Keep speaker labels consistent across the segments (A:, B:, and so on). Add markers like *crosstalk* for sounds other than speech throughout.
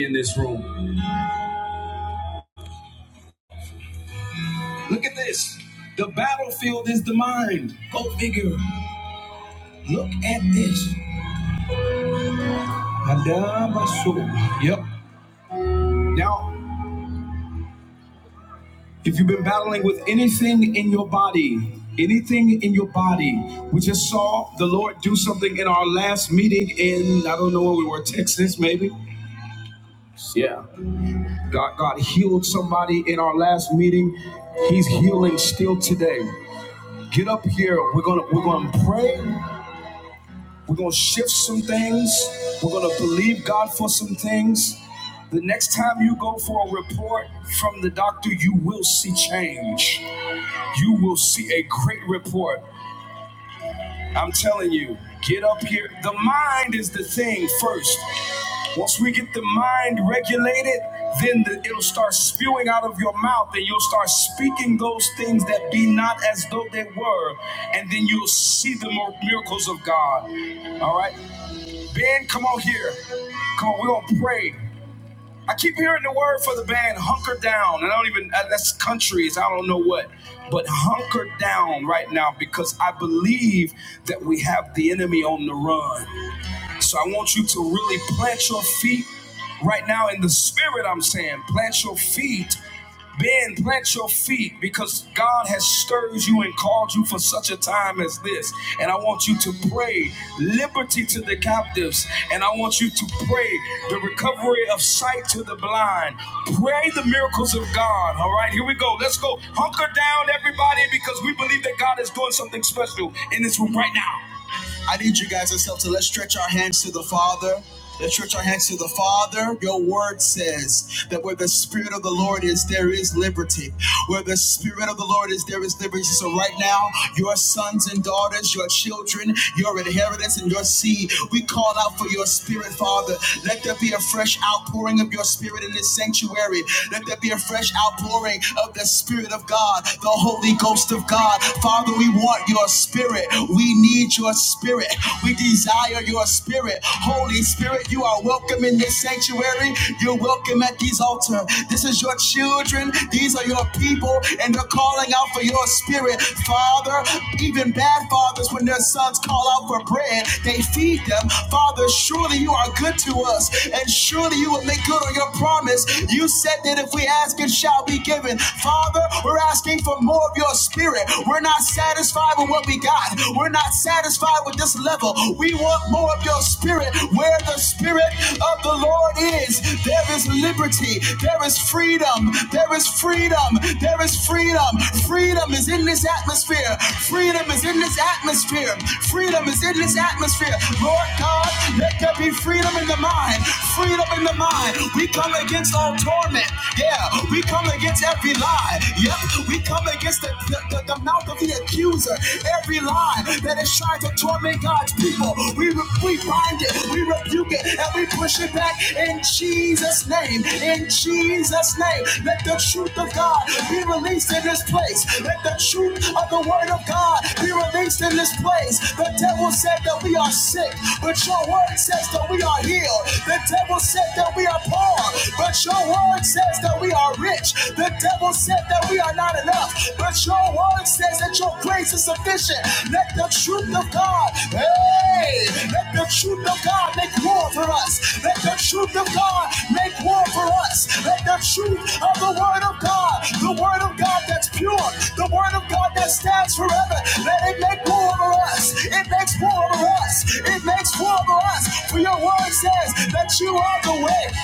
A: in this room. Look at this. The battlefield is the mind. Go figure. Look at this. Yep. Now, if you've been battling with anything in your body, anything in your body, we just saw the Lord do something in our last meeting in, I don't know where we were, Texas maybe? Yeah. God, God healed somebody in our last meeting. He's healing still today. Get up here. We're gonna we're gonna pray. We're going to shift some things. We're going to believe God for some things. The next time you go for a report from the doctor, you will see change. You will see a great report. I'm telling you, get up here. The mind is the thing first. Once we get the mind regulated, then the, it'll start spewing out of your mouth, and you'll start speaking those things that be not as though they were, and then you'll see the miracles of God. All right? Band, come on here. Come on, we're gonna pray. I keep hearing the word for the band, hunker down. And I don't even, uh, that's countries, I don't know what. But hunker down right now because I believe that we have the enemy on the run. So I want you to really plant your feet right now in the spirit, I'm saying. Plant your feet. Ben, plant your feet because God has stirred you and called you for such a time as this. And I want you to pray liberty to the captives. And I want you to pray the recovery of sight to the blind. Pray the miracles of God. All right, here we go. Let's go. Hunker down, everybody, because we believe that God is doing something special in this room right now guys ourselves. So let's stretch our hands to the Father. Let's stretch our hands to the Father. Your word says that where the Spirit of the Lord is, there is liberty. Where the Spirit of the Lord is, there is liberty. So right now, your sons and daughters, your children, your inheritance, and your seed, we call out for your Spirit, Father. Let there be a fresh outpouring of your Spirit in this sanctuary. Let there be a fresh outpouring of the Spirit of God, the Holy Ghost of God. Father, we want your Spirit spirit. We need your spirit. We desire your spirit. Holy Spirit, you are welcome in this sanctuary. You're welcome at these altar. This is your children. These are your people, and they're calling out for your spirit. Father, even bad fathers, when their sons call out for bread, they feed them. Father, surely you are good to us, and surely you will make good on your promise. You said that if we ask, it shall be given. Father, we're asking for more of your spirit spirit. We're not satisfied with what we got. We're not satisfied with this level. We want more of your spirit. Where the spirit of the Lord is, there is liberty. There is freedom. There is freedom. There is freedom. Freedom is in this atmosphere. Freedom is in this atmosphere. Freedom is in this atmosphere. Lord God, let there be freedom in the mind. Freedom in the mind. We come against all torment. Yeah, we come against every lie. Yep, we come against the, the, the- mouth of the accuser. Every lie that is trying to torment God's people, we, re- we bind it, we rebuke it, and we push it back in Jesus' name. In Jesus' name, let the truth of God be released in this place. Let the truth of the word of God be released in this place. The devil said that we are sick, but your word says that we are healed. The devil said that we are poor, but your word says that says that we are rich. The devil said that we are not enough, but your word says that your grace is sufficient. Let the truth of God, hey, let the truth of God make war for us. Let the truth of God make war for us. Let the truth of the word of God, the word of God that's pure, the word of God that stands forever, let it make war for us. It makes war for us. It makes war for us. For your word says that you are the way.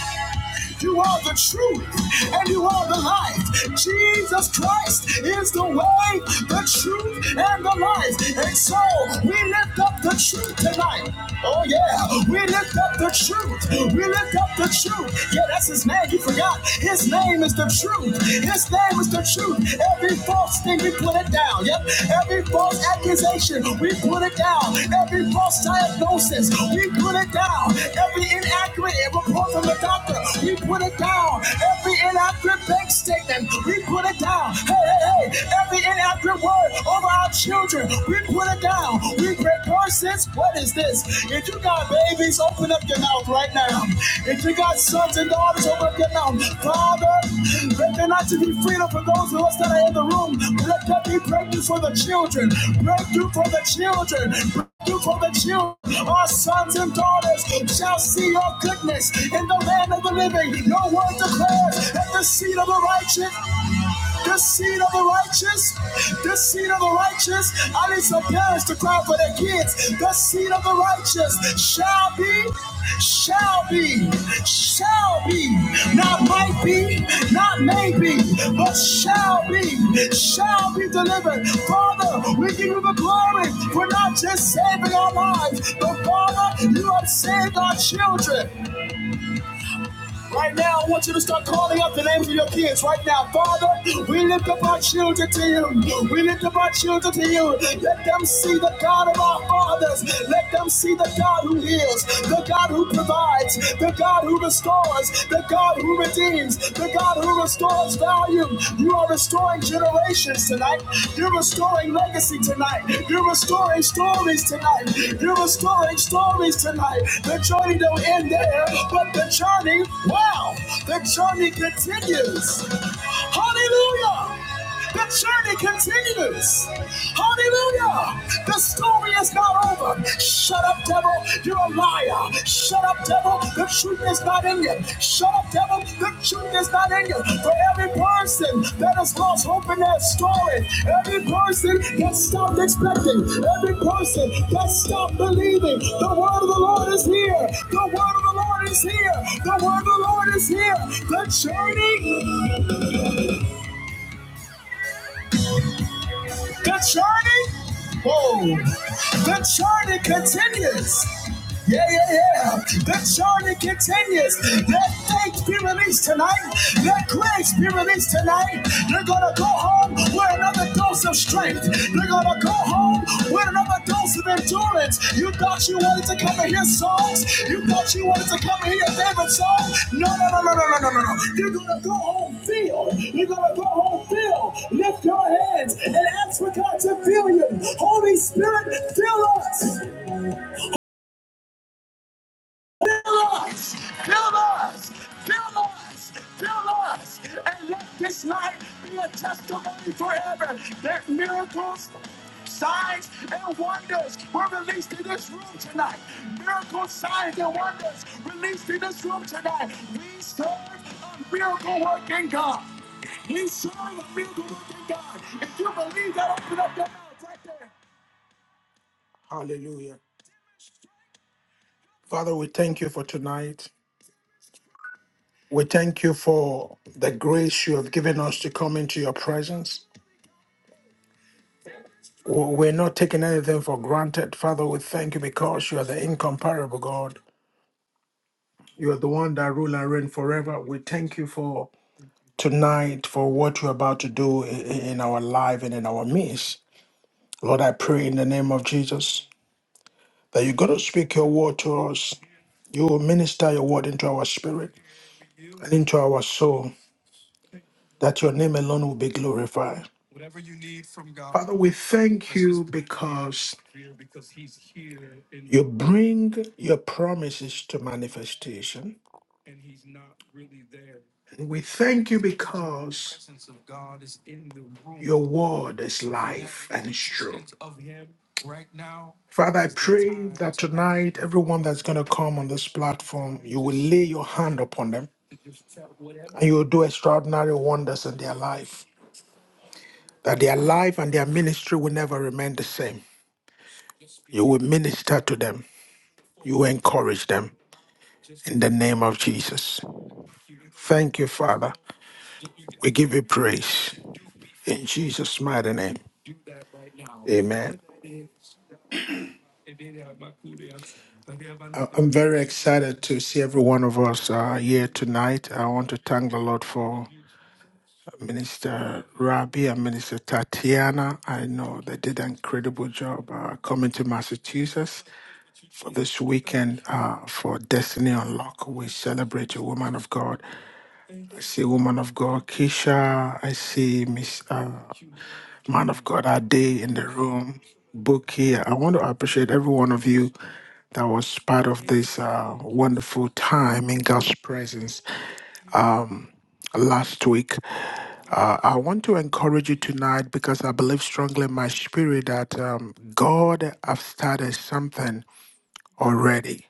A: You are the truth and you are the life. Jesus Christ is the way, the truth, and the life. And so we lift up the truth tonight. Oh, yeah. We lift up the truth. We lift up the truth. Yeah, that's his name. You forgot. His name is the truth. His name is the truth. Every false thing we put it down. Yep. Every false accusation, we put it down. Every false diagnosis, we put it down. Every inaccurate report from the doctor, we put it down. Every inaccurate bank statement, we put it down. Hey, hey, hey. Every inaccurate word over our children, we put it down. We break curses. What is this? If you got babies, open open up your mouth right now. If you got sons and daughters, open up your mouth. Father, let there not to be freedom for those of us that are in the room. Let there be breakthrough for the children. Breakthrough for the children. Breakthrough for the children. Our sons and daughters shall see your goodness in the land of the living. Your word declares at the seed of the righteous. The seed of the righteous, the seed of the righteous. I need some parents to cry for their kids. The seed of the righteous shall be, shall be, shall be. Not might be, not maybe, but shall be, shall be delivered. Father, we give you the glory for not just saving our lives, but Father, you have saved our children. Right now, I want you to start calling out the names of your kids. Right now, Father, we lift up our children to you. We lift up our children to you. Let them see the God of our fathers. Let them see the God who heals, the God who provides, the God who restores, the God who redeems, the God who restores value. You are restoring generations tonight. You're restoring legacy tonight. You're restoring stories tonight. You're restoring stories tonight. The journey don't end there, but the journey, wow, the journey continues. Hallelujah. The journey continues. Hallelujah. The story is not over. Shut up, devil. You you're a liar. Shut up, devil. The truth is not in you. Shut up, devil. The truth is not in you. For every person that has lost hope in their story, every person that stopped expecting, every person that stopped believing, the word of the Lord is here. The word of the Lord is here. The word of the Lord is here. The journey, the journey. Whoa. The journey continues. Yeah, yeah, yeah. That journey continues. Let faith be released tonight. Let grace be released tonight. They're going to go home with another dose of strength. They're going to go home with another dose of endurance. You thought you wanted to come and hear songs. You thought you wanted to come and hear your favorite song. No, no, no, no, no, no, no, no. no. You're going to go home filled. You're going to go home filled. Lift your hands and ask for God to fill you. Holy Spirit, fill us. Hallelujah. Father, we thank you for tonight. We thank you for the grace you have given us to come into your presence. W- We're not taking anything for granted. Father, we thank you because you are the incomparable God. You are the one that rule and reign forever. We thank you for tonight, for what you're about to do i- i- in our life and in our midst. Lord, I pray in the name of Jesus that you're going to speak your word to us. You will minister your word into our spirit and into our soul, that your name alone will be glorified. Father, we thank you because you bring your promises to manifestation. And we thank you because your word is life and it's true. Father, I pray that tonight, everyone that's going to come on this platform, you will lay your hand upon them and you will do extraordinary wonders in their life. That their life and their ministry will never remain the same. You will minister to them, you will encourage them in the name of Jesus. Thank you, Father. We give you praise. In Jesus' mighty name, amen. I'm very excited to see every one of us uh, here tonight. I want to thank the Lord for Minister Rabi and Minister Tatiana. I know they did an incredible job uh, coming to Massachusetts for this weekend uh, for Destiny Unlock. We celebrate a woman of God. I see woman of God, Keisha. I see Miss. uh, man of God, our day in the room, book here. I want to appreciate every one of you that was part of this uh, wonderful time in God's presence last week. Uh, I want to encourage you tonight because I believe strongly in my spirit that um, God has started something already.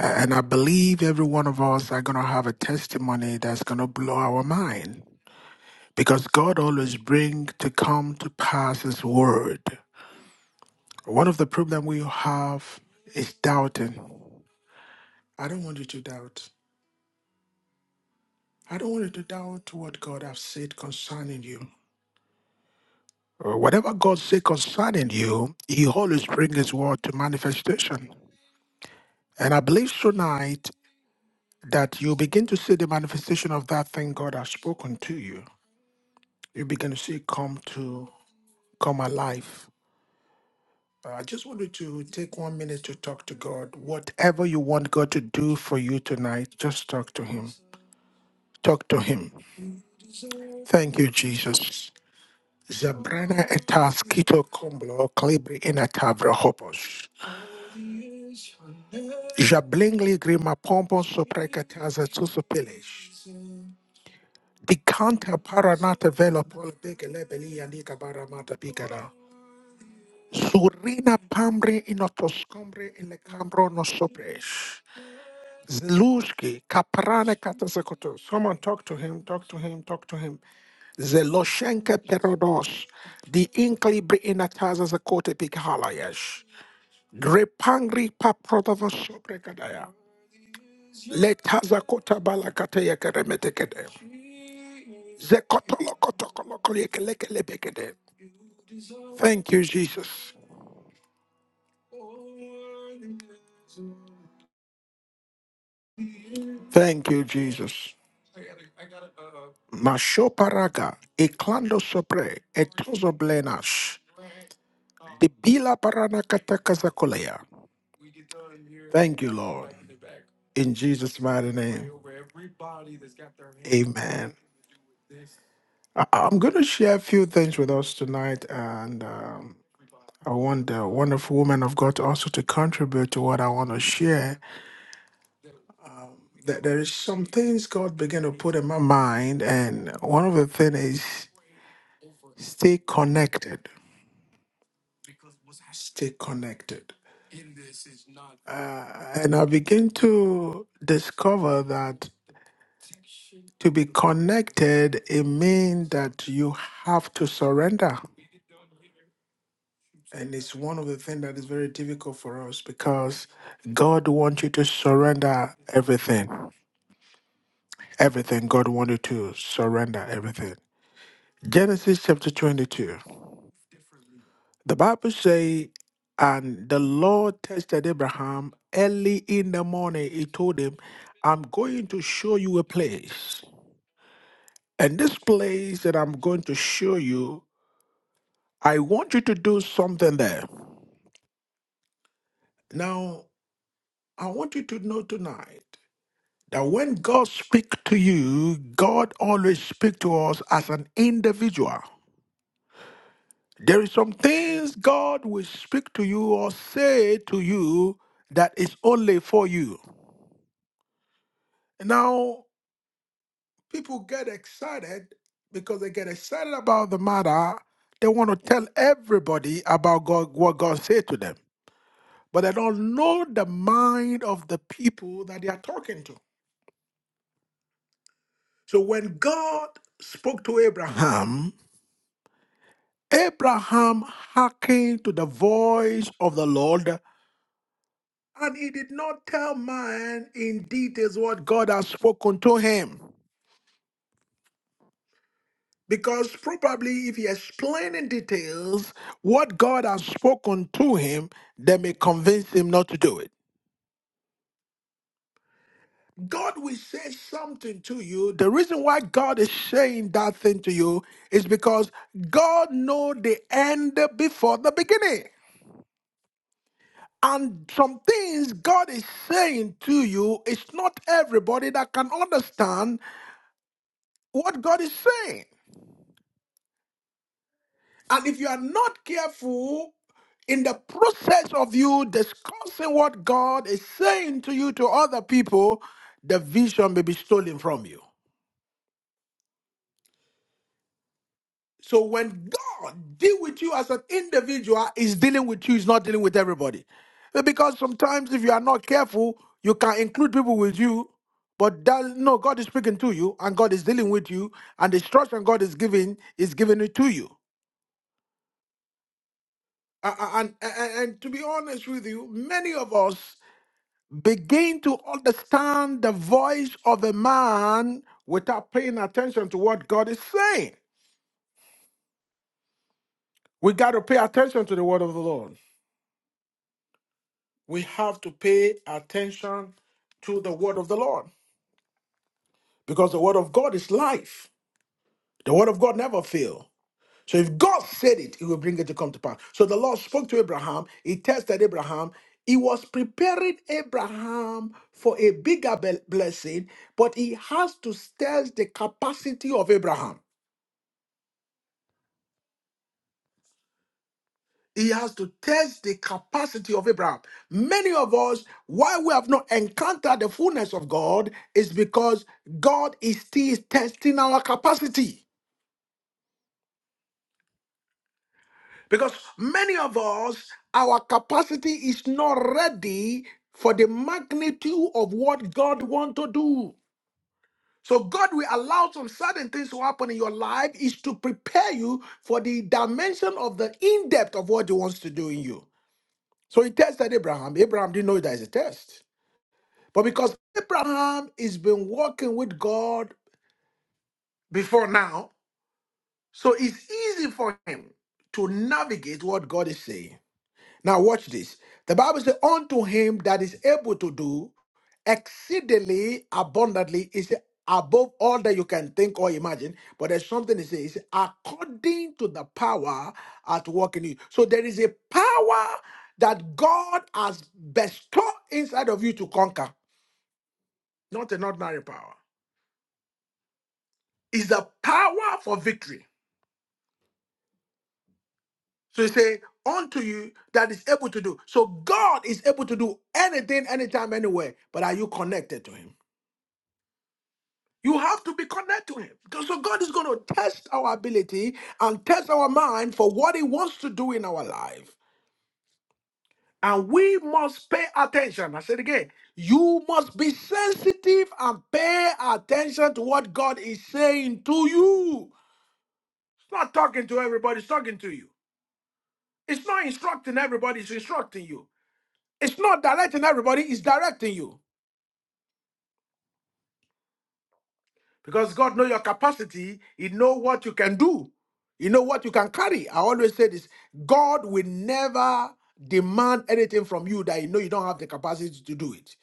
A: A- And I believe every one of us are going to have a testimony that's going to blow our mind because God always brings to come to pass his word. One of the problem we have is doubting. I don't want you to doubt. I don't want you to doubt what God has said concerning you. Uh, Whatever God said concerning you, He always brings His word to manifestation. And I believe tonight that you begin to see the manifestation of that thing God has spoken to you. You begin to see it come to come alive. Uh, I just wanted to take one minute to talk to God. Whatever you want God to do for you tonight, just talk to Him. Talk to Him. Thank you, Jesus. Zabrana etas kito komblo kalibri ina tavra hopos. Jablingli grima pompos soprekataza tusupilesh. Dikanta paranata velo pol begelebeli yanika baramata bigara. Surina pambre inotoscombre in le cambro no sopresh. Zelushki, Kaprane Katasakoto. Someone talk to him, talk to him, talk to him. Zeloshenka Perodos, the Inkli Briinataza Zakote Pikhalayesh, Grepangri Paprotava Sobregadaya, Letazakota Balakateya Keremetekede, Zekotolokotokolokolekelekele Thank you, Jesus. Thank you, Jesus. Mashoparaga, Eklando Sopre, Etozo Blenash. The Bila Parana Kata Kasakolaya. Thank you, Lord. In Jesus' mighty name, amen. I- I'm going to share a few things with us tonight, and um, I want the wonderful woman of God also to contribute to what I want to share. That there is some things God began to put in my mind, and one of the things is stay connected. Stay connected. And I begin to discover that To be connected, it means that you have to surrender. And it's one of the things that is very difficult for us because God wants you to surrender everything. Everything. God wants you to surrender everything. Genesis chapter 22. The Bible says, and the Lord tested Abraham early in the morning. He told him, I'm going to show you a place. And this place that I'm going to show you I want you to do something there. Now, I want you to know tonight that when God speaks to you, God always speaks to us as an individual. There is some things God will speak to you or say to you that is only for you. Now, people get excited because they get excited about the matter. They want to tell everybody about God, what God said to them. but they don't know the mind of the people that they are talking to. So when God spoke to Abraham, Abraham hearkened to the voice of the Lord, and he did not tell man in details what God had spoken to him. Because probably if he explained in details what God has spoken to him, they may convince him not to do it. God will say something to you. The reason why God is saying that thing to you is because God knows the end before the beginning. And some things God is saying to you, it's not everybody that can understand what God is saying. And if you are not careful, in the process of you discussing what God is saying to you to other people, the vision may be stolen from you. So when God deal with you as an individual, He's dealing with you, he's not dealing with everybody. Uh, Because sometimes if you are not careful, you can include people with you, but that no, God is speaking to you and God is dealing with you, and the instruction God is giving is giving it to you. A- a- And, and, and to be honest with you, many of us begin to understand the voice of a man without paying attention to what God is saying. We got to pay attention to the word of the Lord. we have to pay attention to the word of the Lord because the word of God is life. The word of God never fails. So if God said it, he will bring it to come to pass. So the Lord spoke to Abraham, he tested Abraham, he was preparing Abraham for a bigger be- blessing, but he has to test the capacity of Abraham. He has to test the capacity of Abraham. Many of us, why we have not encountered the fullness of God, is because God is still testing our capacity. Because many of us, our capacity is not ready for the magnitude of what God wants to do. So God will allow some certain things to happen in your life is to prepare you for the dimension of the in-depth of what he wants to do in you. So he tested Abraham. Abraham didn't know that it's a test. But because Abraham has been walking with God before now, so it's easy for him to navigate what God is saying. Now, watch this. The Bible says, Unto him that is able to do exceedingly abundantly is above all that you can think or imagine. But there's something it says, according to the power at work in you. So there is a power that God has bestowed inside of you to conquer, not an ordinary power. is the power for victory. So you say, unto you that is able to do. So God is able to do anything, anytime, anywhere. But are you connected to Him? You have to be connected to Him. Because so God is going to test our ability and test our mind for what He wants to do in our life. And we must pay attention. I said again, you must be sensitive and pay attention to what God is saying to you. It's not talking to everybody, it's talking to you. It's not instructing everybody, it's instructing you. It's not directing everybody, it's directing you. Because God knows your capacity, He knows what you can do, He know what you can carry. I always say this God will never demand anything from you that you know you don't have the capacity to do it.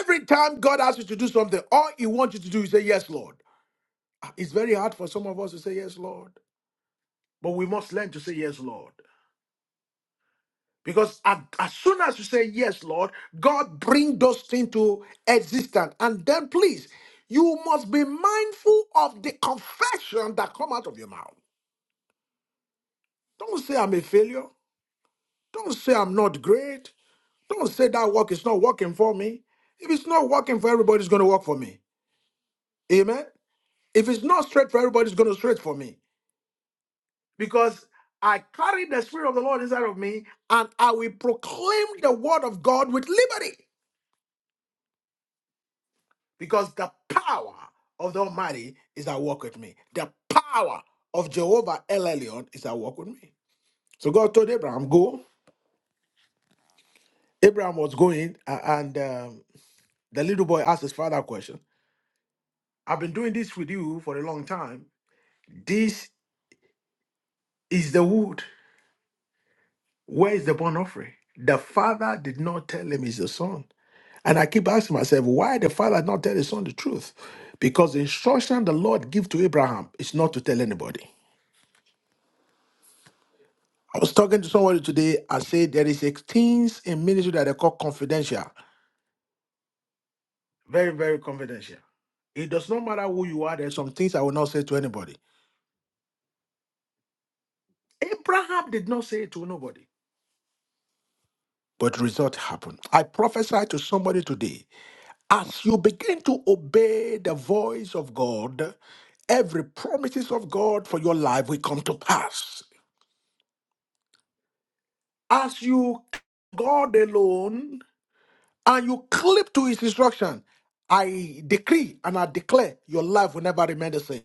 A: Every time God asks you to do something, all He wants you to do is say, Yes, Lord. Ah, It's very hard for some of us to say, Yes, Lord. But we must learn to say, Yes, Lord. Because a- as soon as you say, Yes, Lord, God bring those things to existence. And then please, you must be mindful of the confession that come out of your mouth. Don't say I'm a failure. Don't say I'm not great. Don't say that work is not working for me. If it's not working for everybody, it's going to work for me. Amen. If it's not straight for everybody, it's going to straight for me. Because I carry the Spirit of the Lord inside of me and I will proclaim the word of God with liberty. because the power of the Almighty is at work with me. The power of Jehovah El Elyon is at work with me. So God told Abraham, Go. Abraham was going, a- and um, the little boy asked his father a question I've been doing this with you for a long time. This is the wood. Where is the burnt offering? The father did not tell him it's the son. And I keep asking myself, why the father not tell his son the truth? Because the instruction the Lord gave to Abraham is not to tell anybody. I was talking to somebody today. I said there is a things in ministry that they call confidential. Very, very confidential. It does not matter who you are. There's some things I will not say to anybody. Abraham did not say it to nobody. But result happened. I prophesy to somebody today. As you begin to obey the voice of God, every promises of God for your life will come to pass. As you God alone and you clip to his instruction, I decree and I declare your life will never remain the same.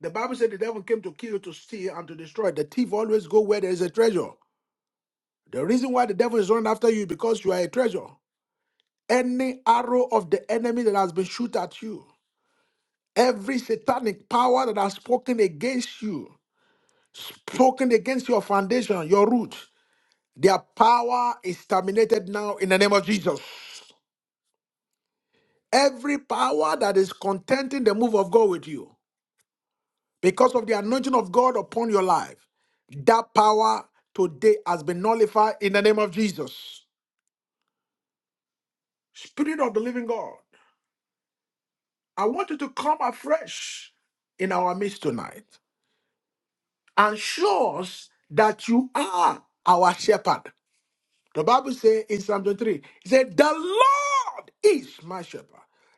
A: The Bible said the devil came to kill, to steal, and to destroy. The thief always go where there is a treasure. The reason why the devil is running after you is because you are a treasure. Any arrow of the enemy that has been shot at you, every satanic power that has spoken against you, spoken against your foundation, your root, their power is terminated now in the name of Jesus. Every power that is contenting the move of God with you. because of the anointing of God upon your life, that power today has been nullified in the name of Jesus. Spirit of the living God, I want you to come afresh in our midst tonight and show us that you are our shepherd. The Bible says in Psalm 23, it said, The Lord is my shepherd.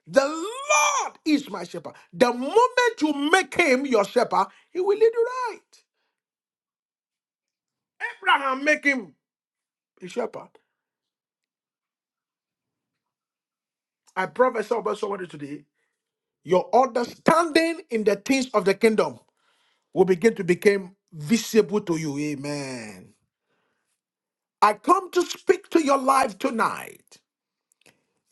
A: The Lord is my shepherd. The moment you make him your shepherd, he will lead you right. Abraham make him a shepherd. I prophesy about somebody today. Your understanding in the things of the kingdom will begin to become visible to you. Amen. I come to speak to your life tonight.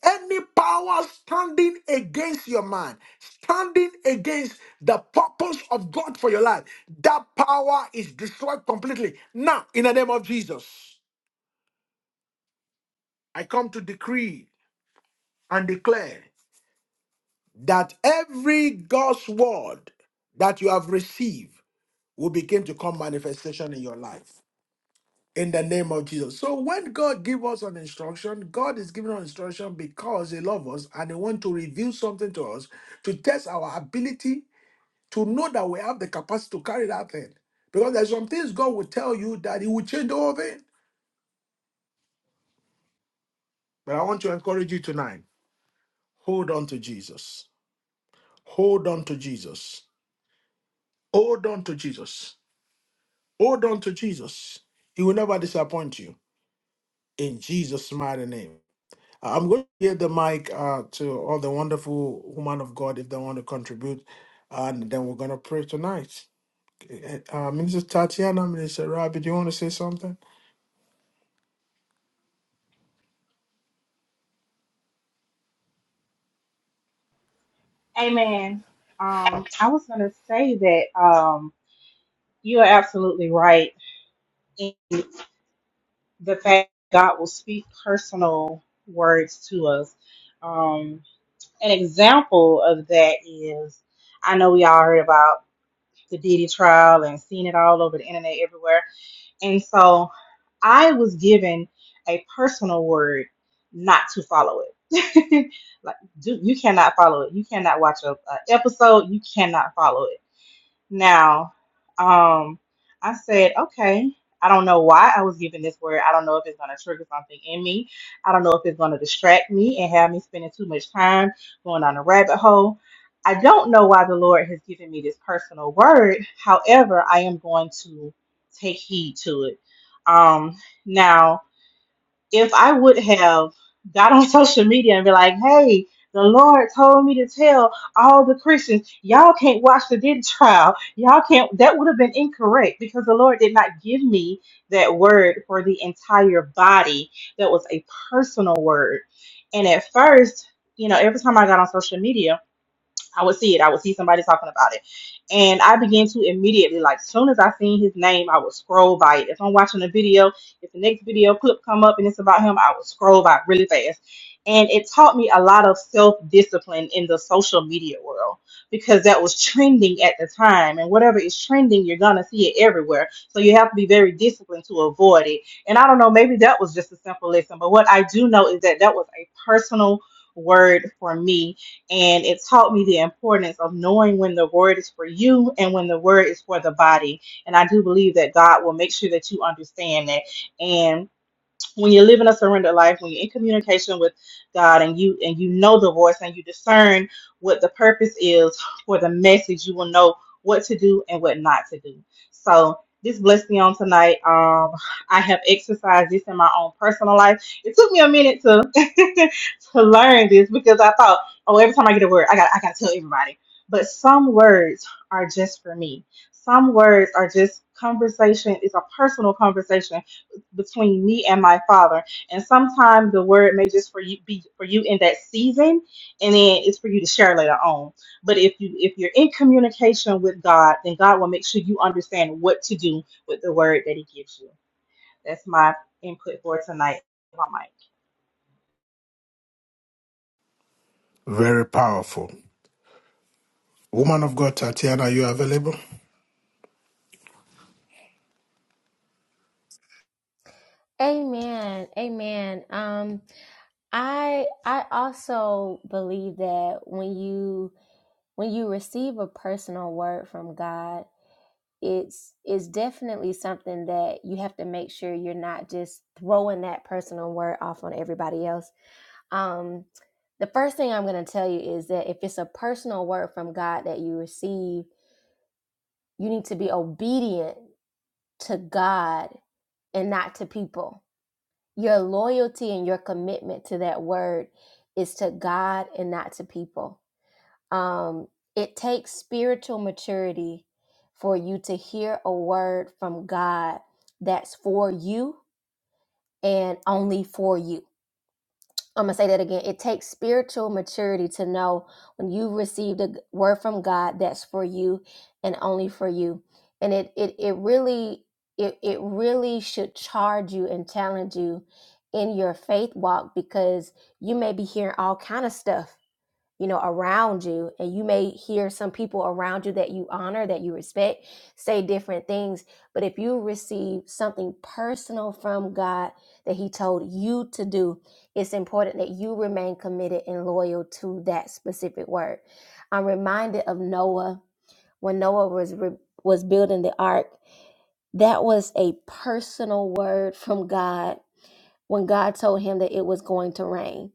A: Any power standing against your mind, standing against the purpose of God for your life, that power is destroyed completely. Now, in the name of Jesus, I come to decree and declare that every God's word that you have received will begin to come manifestation in your life in the name of Jesus. So when God give us an instruction, God is giving us instruction because he loves us and he want to reveal something to us to test our ability to know that we have the capacity to carry that thing. Because there's some things God will tell you that he will change the whole thing. But I want to encourage you tonight. Hold on to Jesus. Hold on to Jesus. Hold on to Jesus. Hold on to Jesus. He will never disappoint you. In Jesus' mighty name. I'm going to give the mic uh, to all the wonderful women of God if they want to contribute, and then we're going to pray tonight. Eh, eh, Uh, Minister Tatiana, Minister Rabbi, do you want to say something?
B: Amen. Um, I was going to say that um, you are absolutely right in the fact God will speak personal words to us. Um, an example of that is I know we all heard about the Diddy trial and seen it all over the internet everywhere. And so I was given a personal word not to follow it. *laughs* like, do, you cannot follow it. You cannot watch a, a episode. You cannot follow it Now, um, I said, okay, I don't know why I was given this word. I don't know if it's going to trigger something in me. I don't know if it's going to distract me and have me spending too much time going on a rabbit hole. I don't know why the Lord has given me this personal word. However, I am going to take heed to it. Um, now, if I would have got on *laughs* social media and be like, hey, the Lord told me to tell all the Christians, y'all can't watch the Diddy trial. Y'all can't, that would have been incorrect because the Lord did not give me that word for the entire body. That was a personal word. And at first, you know, every time I got on social media, I would see it. I would see somebody talking about it. And I began to immediately, like, soon as I seen his name, I would scroll by it. If I'm watching a video, if the next video clip come up and it's about him, I would scroll by it really fast. And it taught me a lot of self-discipline in the social media world because that was trending at the time. And whatever is trending, you're going to see it everywhere. So you have to be very disciplined to avoid it. And I don't know, maybe that was just a simple lesson. But what I do know is that that was a personal word for me and it taught me the importance of knowing when the word is for you and when the word is for the body. And I do believe that God will make sure that you understand that. And when you're living a surrendered life, when you're in communication with God and you and you know the voice and you discern what the purpose is for the message, you will know what to do and what not to do. So this blessed me on tonight. Um, I have exercised this in my own personal life. It took me a minute to *laughs* to learn this because I thought, oh, every time I get a word, I got I gotta tell everybody. But some words are just for me. Some words are just conversation. It's a personal conversation between me and my father. And sometimes the word may just for you be for you in that season, and then it's for you to share later on. But if you if you're in communication with God, then God will make sure you understand what to do with the word that He gives you. That's my input for tonight.
A: Very powerful. Woman of God, Tatiana, are you available?
C: Amen. Amen. Um I I also believe that when you when you receive a personal word from God, it's it's definitely something that you have to make sure you're not just throwing that personal word off on everybody else. Um the first thing I'm going to tell you is that if it's a personal word from God that you receive, you need to be obedient to God and not to people Your loyalty and your commitment to that word is to God and not to people. Um, it takes spiritual maturity for you to hear a word from God that's for you and only for you I'm going to say that again. It takes spiritual maturity to know when you've received a g- word from God that's for you and only for you. And it it it really it it really should charge you and challenge you in your faith walk because you may be hearing all kind of stuff you know, around you, and you may hear some people around you that you honor, that you respect, say different things. But if you receive something personal from God that He told you to do, it's important that you remain committed and loyal to that specific word. I'm reminded of Noah when Noah was re- was building the ark. That was a personal word from God when God told him that it was going to rain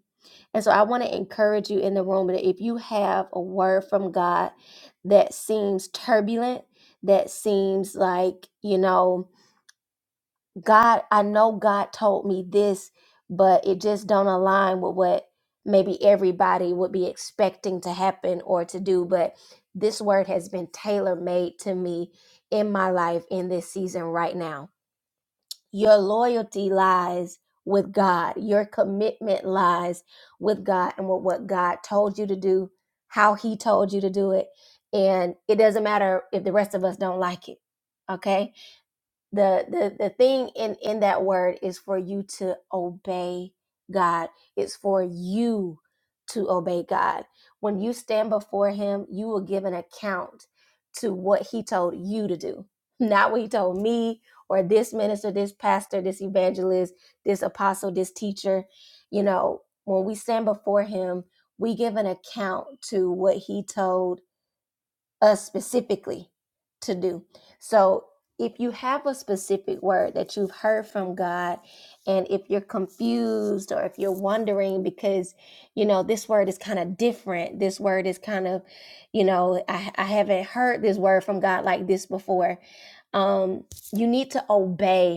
C: and so I want to encourage you in the room that if you have a word from God that seems turbulent, that seems like, you know, God, I know God told me this, but it just don't align with what maybe everybody would be expecting to happen or to do, but this word has been tailor-made to me in my life in this season right now your loyalty lies with God. Your commitment lies with God and with what God told you to do, how He told you to do it. And it doesn't matter if the rest of us don't like it. Okay? the the the thing in in that word is for you to obey God. It's for you to obey God. When you stand before him, you will give an account to what he told you to do. *laughs* Not what he told me or this minister, this pastor, this evangelist, this apostle, this teacher. You know, when we stand before him, we give an account to what he told us specifically to do. So if you have a specific word that you've heard from God, and if you're confused or if you're wondering because, you know, this word is kind of different, this word is kind of, you know, I, I haven't heard this word from God like this before. Um, you need to obey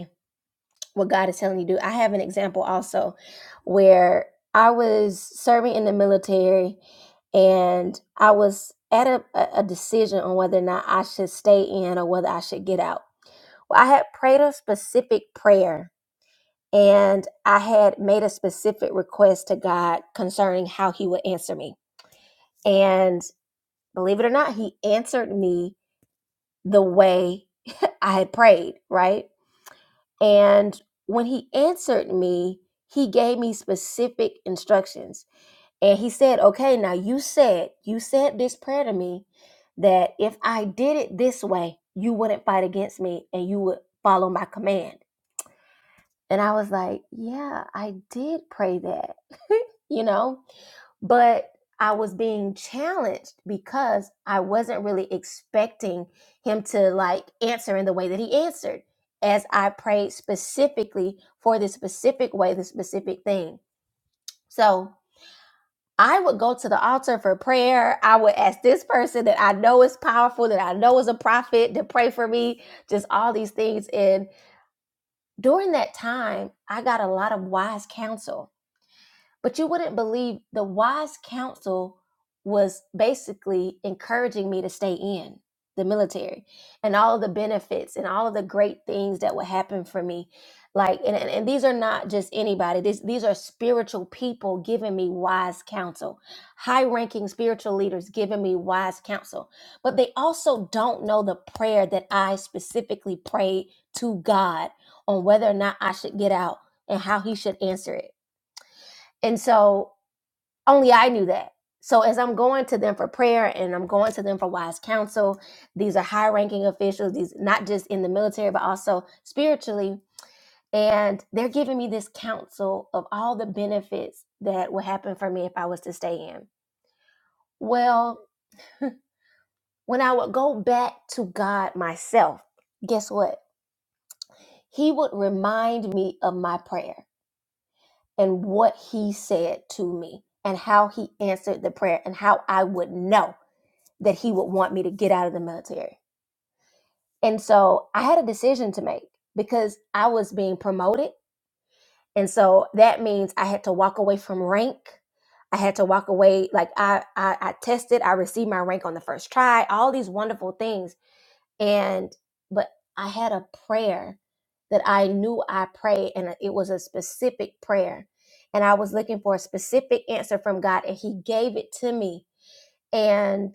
C: what God is telling you to do. I have an example also where I was serving in the military and I was at a, a a decision on whether or not I should stay in or whether I should get out. Well, I had prayed a specific prayer and I had made a specific request to God concerning how He would answer me. And believe it or not, He answered me the way *laughs* I had prayed, right? And when he answered me, he gave me specific instructions. And he said, Okay, now you said, you said this prayer to me that if I did it this way, you wouldn't fight against me and you would follow my command. And I was like, Yeah, I did pray that, *laughs* you know? but I was being challenged because I wasn't really expecting him to like answer in the way that he answered as I prayed specifically for this specific way, this specific thing. So I would go to the altar for prayer. I would ask this person that I know is powerful, that I know is a prophet, to pray for me, just all these things. And during that time, I got a lot of wise counsel but you wouldn't believe the wise counsel was basically encouraging me to stay in the military and all of the benefits and all of the great things that would happen for me. Like, and, and, and these are not just anybody, this, these are spiritual people giving me wise counsel, high ranking spiritual leaders giving me wise counsel. But they also don't know the prayer that I specifically prayed to God on whether or not I should get out and how He should answer it. And so only I knew that. So as I'm going to them for prayer and I'm going to them for wise counsel, these are high ranking officials, these not just in the military, but also spiritually. And they're giving me this counsel of all the benefits that would happen for me if I was to stay in. Well, when I would go back to God myself, guess what? He would remind me of my prayer and what He said to me and how He answered the prayer and how I would know. that he would want me to get out of the military. And so I had a decision to make because I was being promoted. And so that means I had to walk away from rank. I had to walk away. Like I, I, I tested, I received my rank on the first try, all these wonderful things. And, but I had a prayer that I knew I prayed, and it was a specific prayer. And I was looking for a specific answer from God, and He gave it to me. And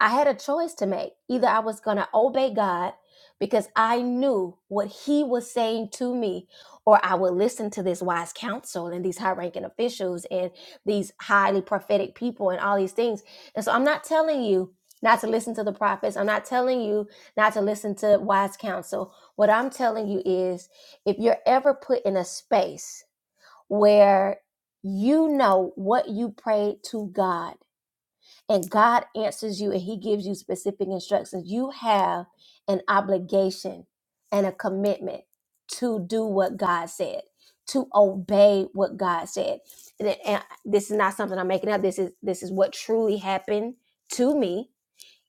C: I had a choice to make. Either I was going to obey God because I knew what He was saying to me, or I would listen to this wise counsel and these high ranking officials and these highly prophetic people and all these things. And so I'm not telling you not to listen to the prophets. I'm not telling you not to listen to wise counsel. What I'm telling you is if you're ever put in a space where you know what you prayed to God and God answers you and He gives you specific instructions, you have an obligation and a commitment to do what God said, to obey what God said. And, and uh, this is not something I'm making up. This is this is what truly happened to me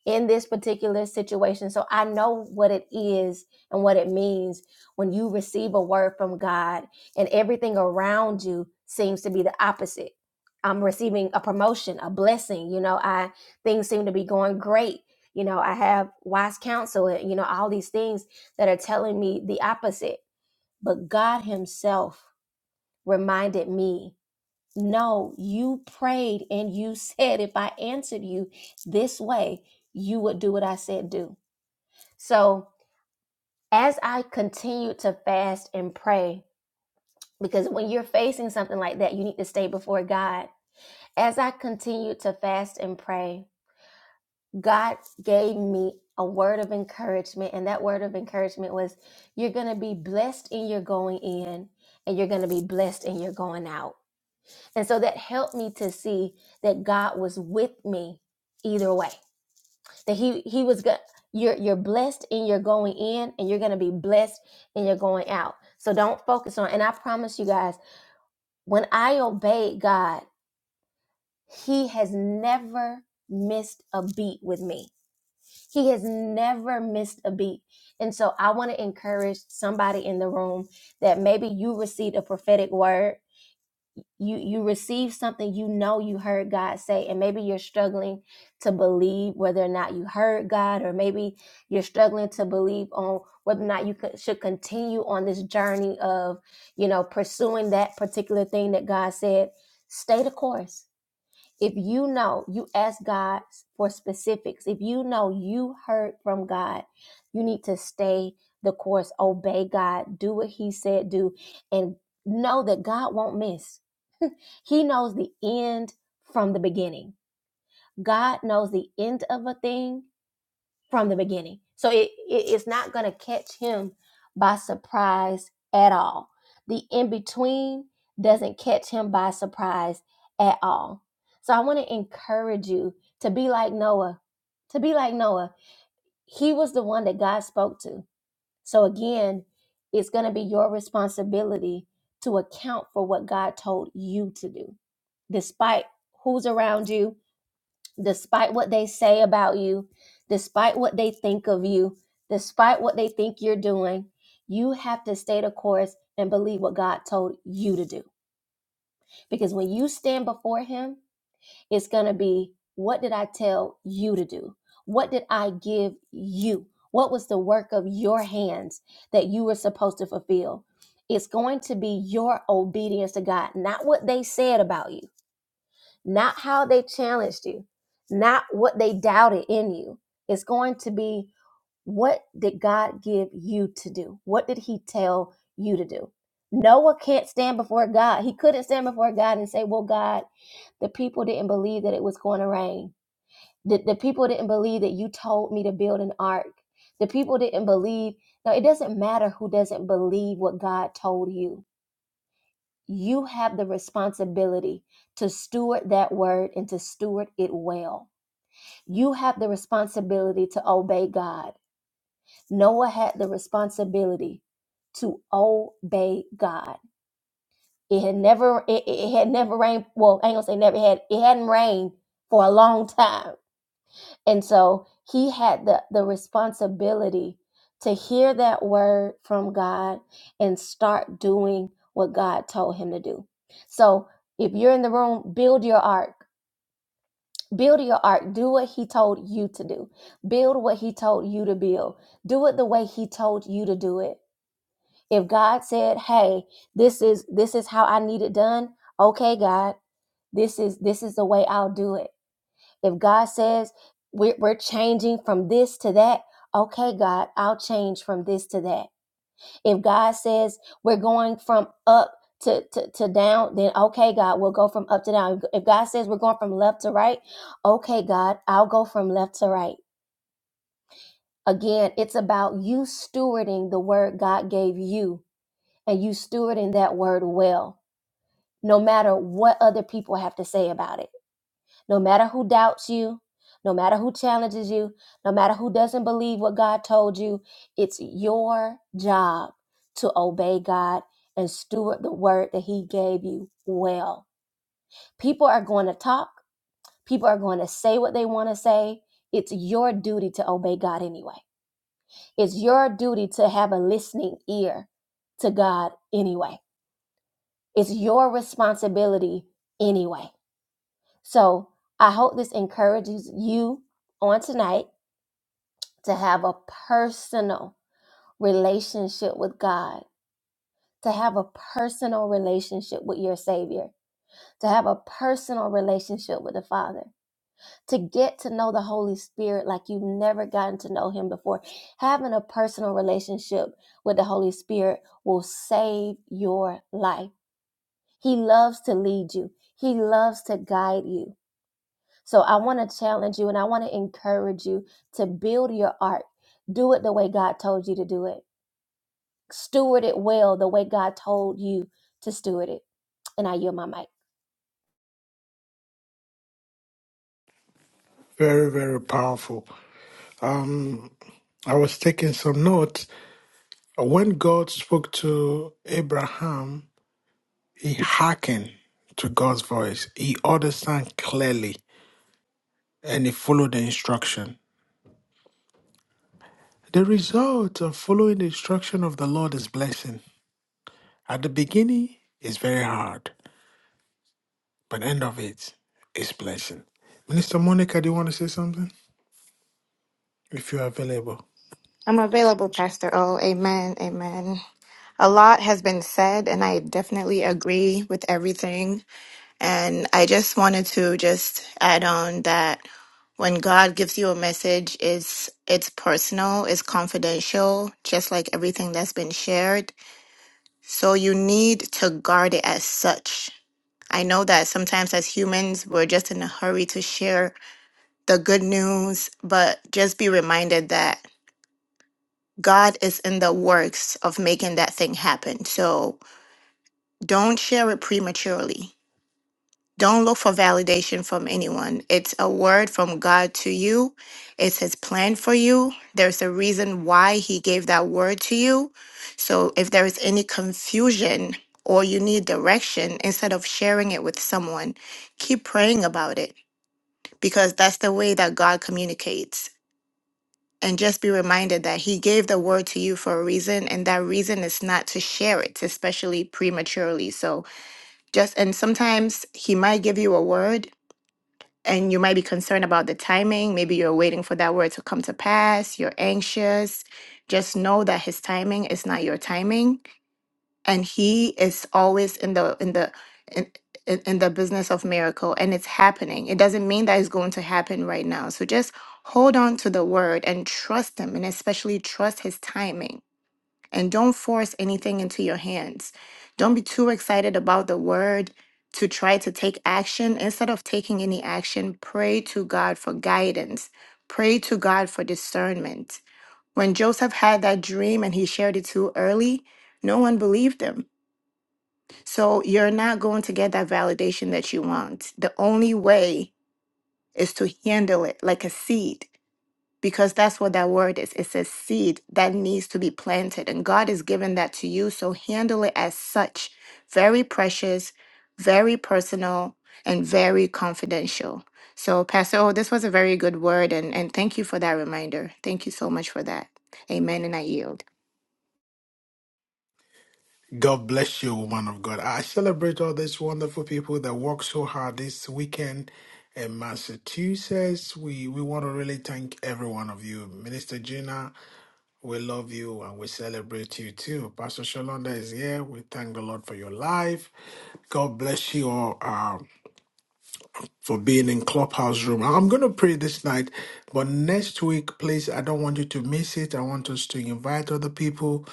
C: in this particular situation. So I know what it is and what it means when you receive a word from God and everything around you seems to be the opposite. I'm receiving a promotion, a blessing, you know, I things seem to be going great. You know, I have wise counsel, and, you know, all these things that are telling me the opposite. But God himself reminded me no, you prayed and you *laughs* said, if I answered you this way, you would do what I said do. So as I continued to fast and pray, because when you're facing something like that, you need to stay before God. As I continued to fast and pray, God gave me a word of encouragement. And that word of encouragement was, You're going to be blessed in your going in, and you're going to be blessed in your going out. And so that helped me to see that God was with me either way. That he he was good. You're you're blessed and you're going in and you're going to be blessed and you're going out. So don't focus on and I promise you guys, when I obeyed God, he has never missed a beat with me. He has never missed a beat. And so I want to encourage somebody in the room that maybe you received a prophetic word you you receive something you know you heard God say and maybe you're struggling to believe whether or not you heard God or maybe you're struggling to believe on whether or not you could, should continue on this journey of you know pursuing that particular thing that God said stay the course if you know you ask God for specifics if you know you heard from God you need to stay the course obey God do what he said do and know that God won't miss he knows the end from the beginning. God knows the end of a thing from the beginning. So it, it- it's not going to catch him by surprise at all. The in between doesn't catch him by surprise at all. So I want to encourage you to be like Noah, to be like Noah. He was the one that God spoke to. So again, it's going to be your responsibility to account for what God told you to do, despite who's around you, despite what they say about you, despite what they think of you, despite what they think you're doing. You have to stay the course and believe what God told you to do. Because when you stand before Him, it's going to be what did I tell you to do? What did I give you? What was the work of your hands that you were supposed to fulfill? It's going to be your obedience to God, not what they said about you, not how they challenged you, not what they doubted in you. It's going to be what did God give you to do? What did He tell you to do? Noah can't stand before God. He couldn't stand before God and say, Well, God, the people didn't believe that it was going to rain. The, the people didn't believe that you told me to build an ark. The people didn't believe. No, it doesn't matter who doesn't believe what God told you. You have the responsibility to steward that word and to steward it well. You have the responsibility to obey God. Noah had the responsibility to obey God. It had never, it, it had never rained. Well, I ain't gonna say never it had. It hadn't rained for a long time, and so he had the the responsibility to hear that word from God and start doing what God told him to do. So, if you're in the room, build your ark. Build your ark. Do what he told you to do. Build what he told you to build. Do it the way he told you to do it if god said hey this is this is how i need it done okay god this is this is the way i'll do it if god says we're, we're changing from this to that okay god i'll change from this to that if god says we're going from up to, to, to down then okay god we'll go from up to down if god says we're going from left to right okay god i'll go from left to right again it's about you stewarding the word god gave you and you stewarding that word well no matter what other people have to say about it, no matter who doubts you, no matter who challenges you, no matter who doesn't believe what God told you, it's your job to obey God and steward the word that He gave you well. People are going to talk, people are going to say what they want to say. It's your duty to obey God anyway. It's your duty to have a listening ear to God anyway. It's your responsibility anyway. So I hope this encourages you on tonight to have a personal relationship with God, to have a personal relationship with your Savior, to have a personal relationship with the Father, to get to know the Holy Spirit like you've never gotten to know Him before. Having a personal relationship with the Holy Spirit will save your life. He loves to lead you, He loves to guide you. So I want to challenge you and I want to encourage you to build your art. Do it the way God told you to do it. Steward it well the way God told you to steward it. And I yield my mic.
A: Very, very powerful. Um, I was taking some notes. When God spoke to Abraham, he hearkened to God's voice. He understood clearly and he followed the instruction. The result of following the instruction of the Lord is blessing. At the beginning, it's very hard, but end of it is blessing. Minister Monica, do you want to say something? If you're available.
D: I'm available, Pastor O. Amen. Amen. A lot has been said, and I definitely agree with everything. And I just wanted to just add on that when God gives you a message, it's it's personal, it's confidential, just like everything that's been shared. So you need to guard it as such. I know that sometimes as humans, we're just in a hurry to share the good news, but just be reminded that God is in the works of making that thing happen. So don't share it prematurely. Don't look for validation from anyone. It's a word from God to you. It's his plan for you. There's a reason why he gave that word to you. So if there is any confusion or you need direction, instead of sharing it with someone, keep praying about it because that's the way that God communicates. and just be reminded that he gave the word to you for a reason and that reason is not to share it especially prematurely so just and sometimes he might give you a word and you might be concerned about the timing maybe you're waiting for that word to come to pass you're anxious just know that his timing is not your timing and he is always in the in the in, in, in the business of miracle and it's happening it doesn't mean that it's going to happen right now so just hold on to the word and trust him and especially trust his timing and don't force anything into your hands don't be too excited about the word to try to take action instead of taking any action pray to god for guidance pray to god for discernment when joseph had that dream and he shared it too early no one believed him so you're not going to get that validation that you want. The only way is to handle it like a seed, because that's what that word is. It's a seed that needs to be planted, and God has given that to you. So handle it as such very precious, very personal, and very confidential. So, Pastor, oh, this was a very good word, and, and thank you for that reminder. Thank you so much for that. Amen. And I yield.
A: God bless you, woman of God. I celebrate all these wonderful people that work so hard this weekend in Massachusetts. We we want to really thank every one of you. Minister Gina, We love you and we celebrate you too. Pastor Shalonda is here. We thank the Lord for your life. God bless you all. Um, for being in Clubhouse Room. I'm going to pray this night, but next week, please, I don't want you to miss it. I want us to invite other people.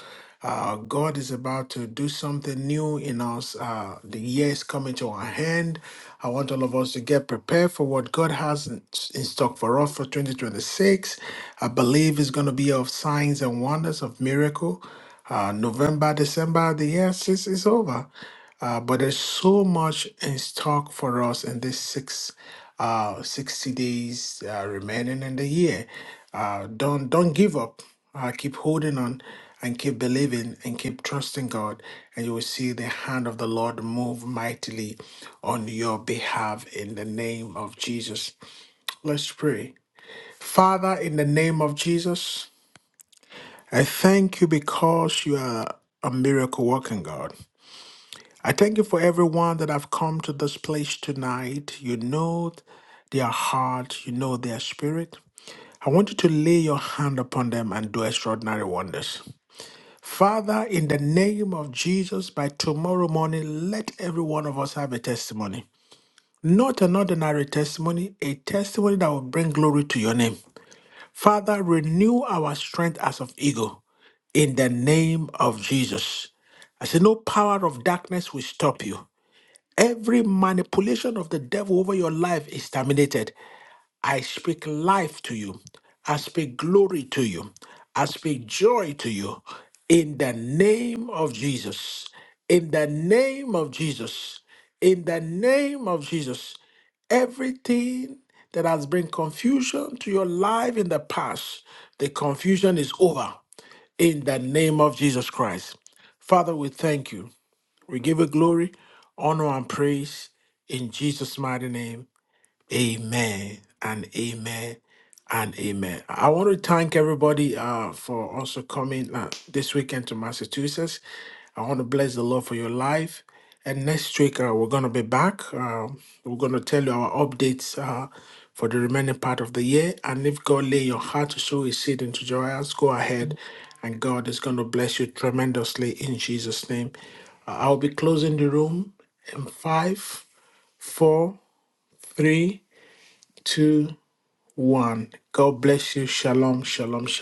A: Uh, God is about to do something new in us. Uh, the year is coming to our hand. I want all of us to get prepared for what God has in, in stock for us for 2026. I believe it's going to be of signs and wonders, of miracle. Uh, November, December, the year is, is over. Uh, but there's so much in stock for us in this six, uh, 60 days uh, remaining in the year. Uh, don't don't give up. Uh, keep holding on and keep believing and keep trusting God, and you will see the hand of the Lord move mightily on your behalf in the name of Jesus. Let's pray. Father, in the name of Jesus. I thank you because you are a miracle working God. I thank you for everyone that have come to this place tonight. You know their heart, you know their spirit. I want you to lay your hand upon them and do extraordinary wonders. Father, in the name of Jesus, by tomorrow morning, let every one of us have a testimony. Not an ordinary testimony, a testimony that will bring glory to your name. Father, renew our strength as of eagle in the name of Jesus. I said, No power of darkness will stop you. Every manipulation of the devil over your life is terminated. I speak life to you. I speak glory to you. I speak joy to you. In the name of Jesus. In the name of Jesus. In the name of Jesus. Everything that has been confusion to your life in the past, the confusion is over. In the name of Jesus Christ. Father, we thank you. We give it glory, honor, and praise in Jesus' mighty name. Amen and amen and amen. I want to thank everybody uh, for also coming uh, this weekend to Massachusetts. I want to bless the Lord for your life. And next week, uh, we're going to be back. Uh, we're going to tell you our updates uh, for the remaining part of the year. And if God lay your heart to sow his seed into joyous, go ahead and God is going to bless you tremendously in Jesus' name. Uh, I'll be closing the room in five, four, three two, one. God bless you. Shalom, shalom, shalom.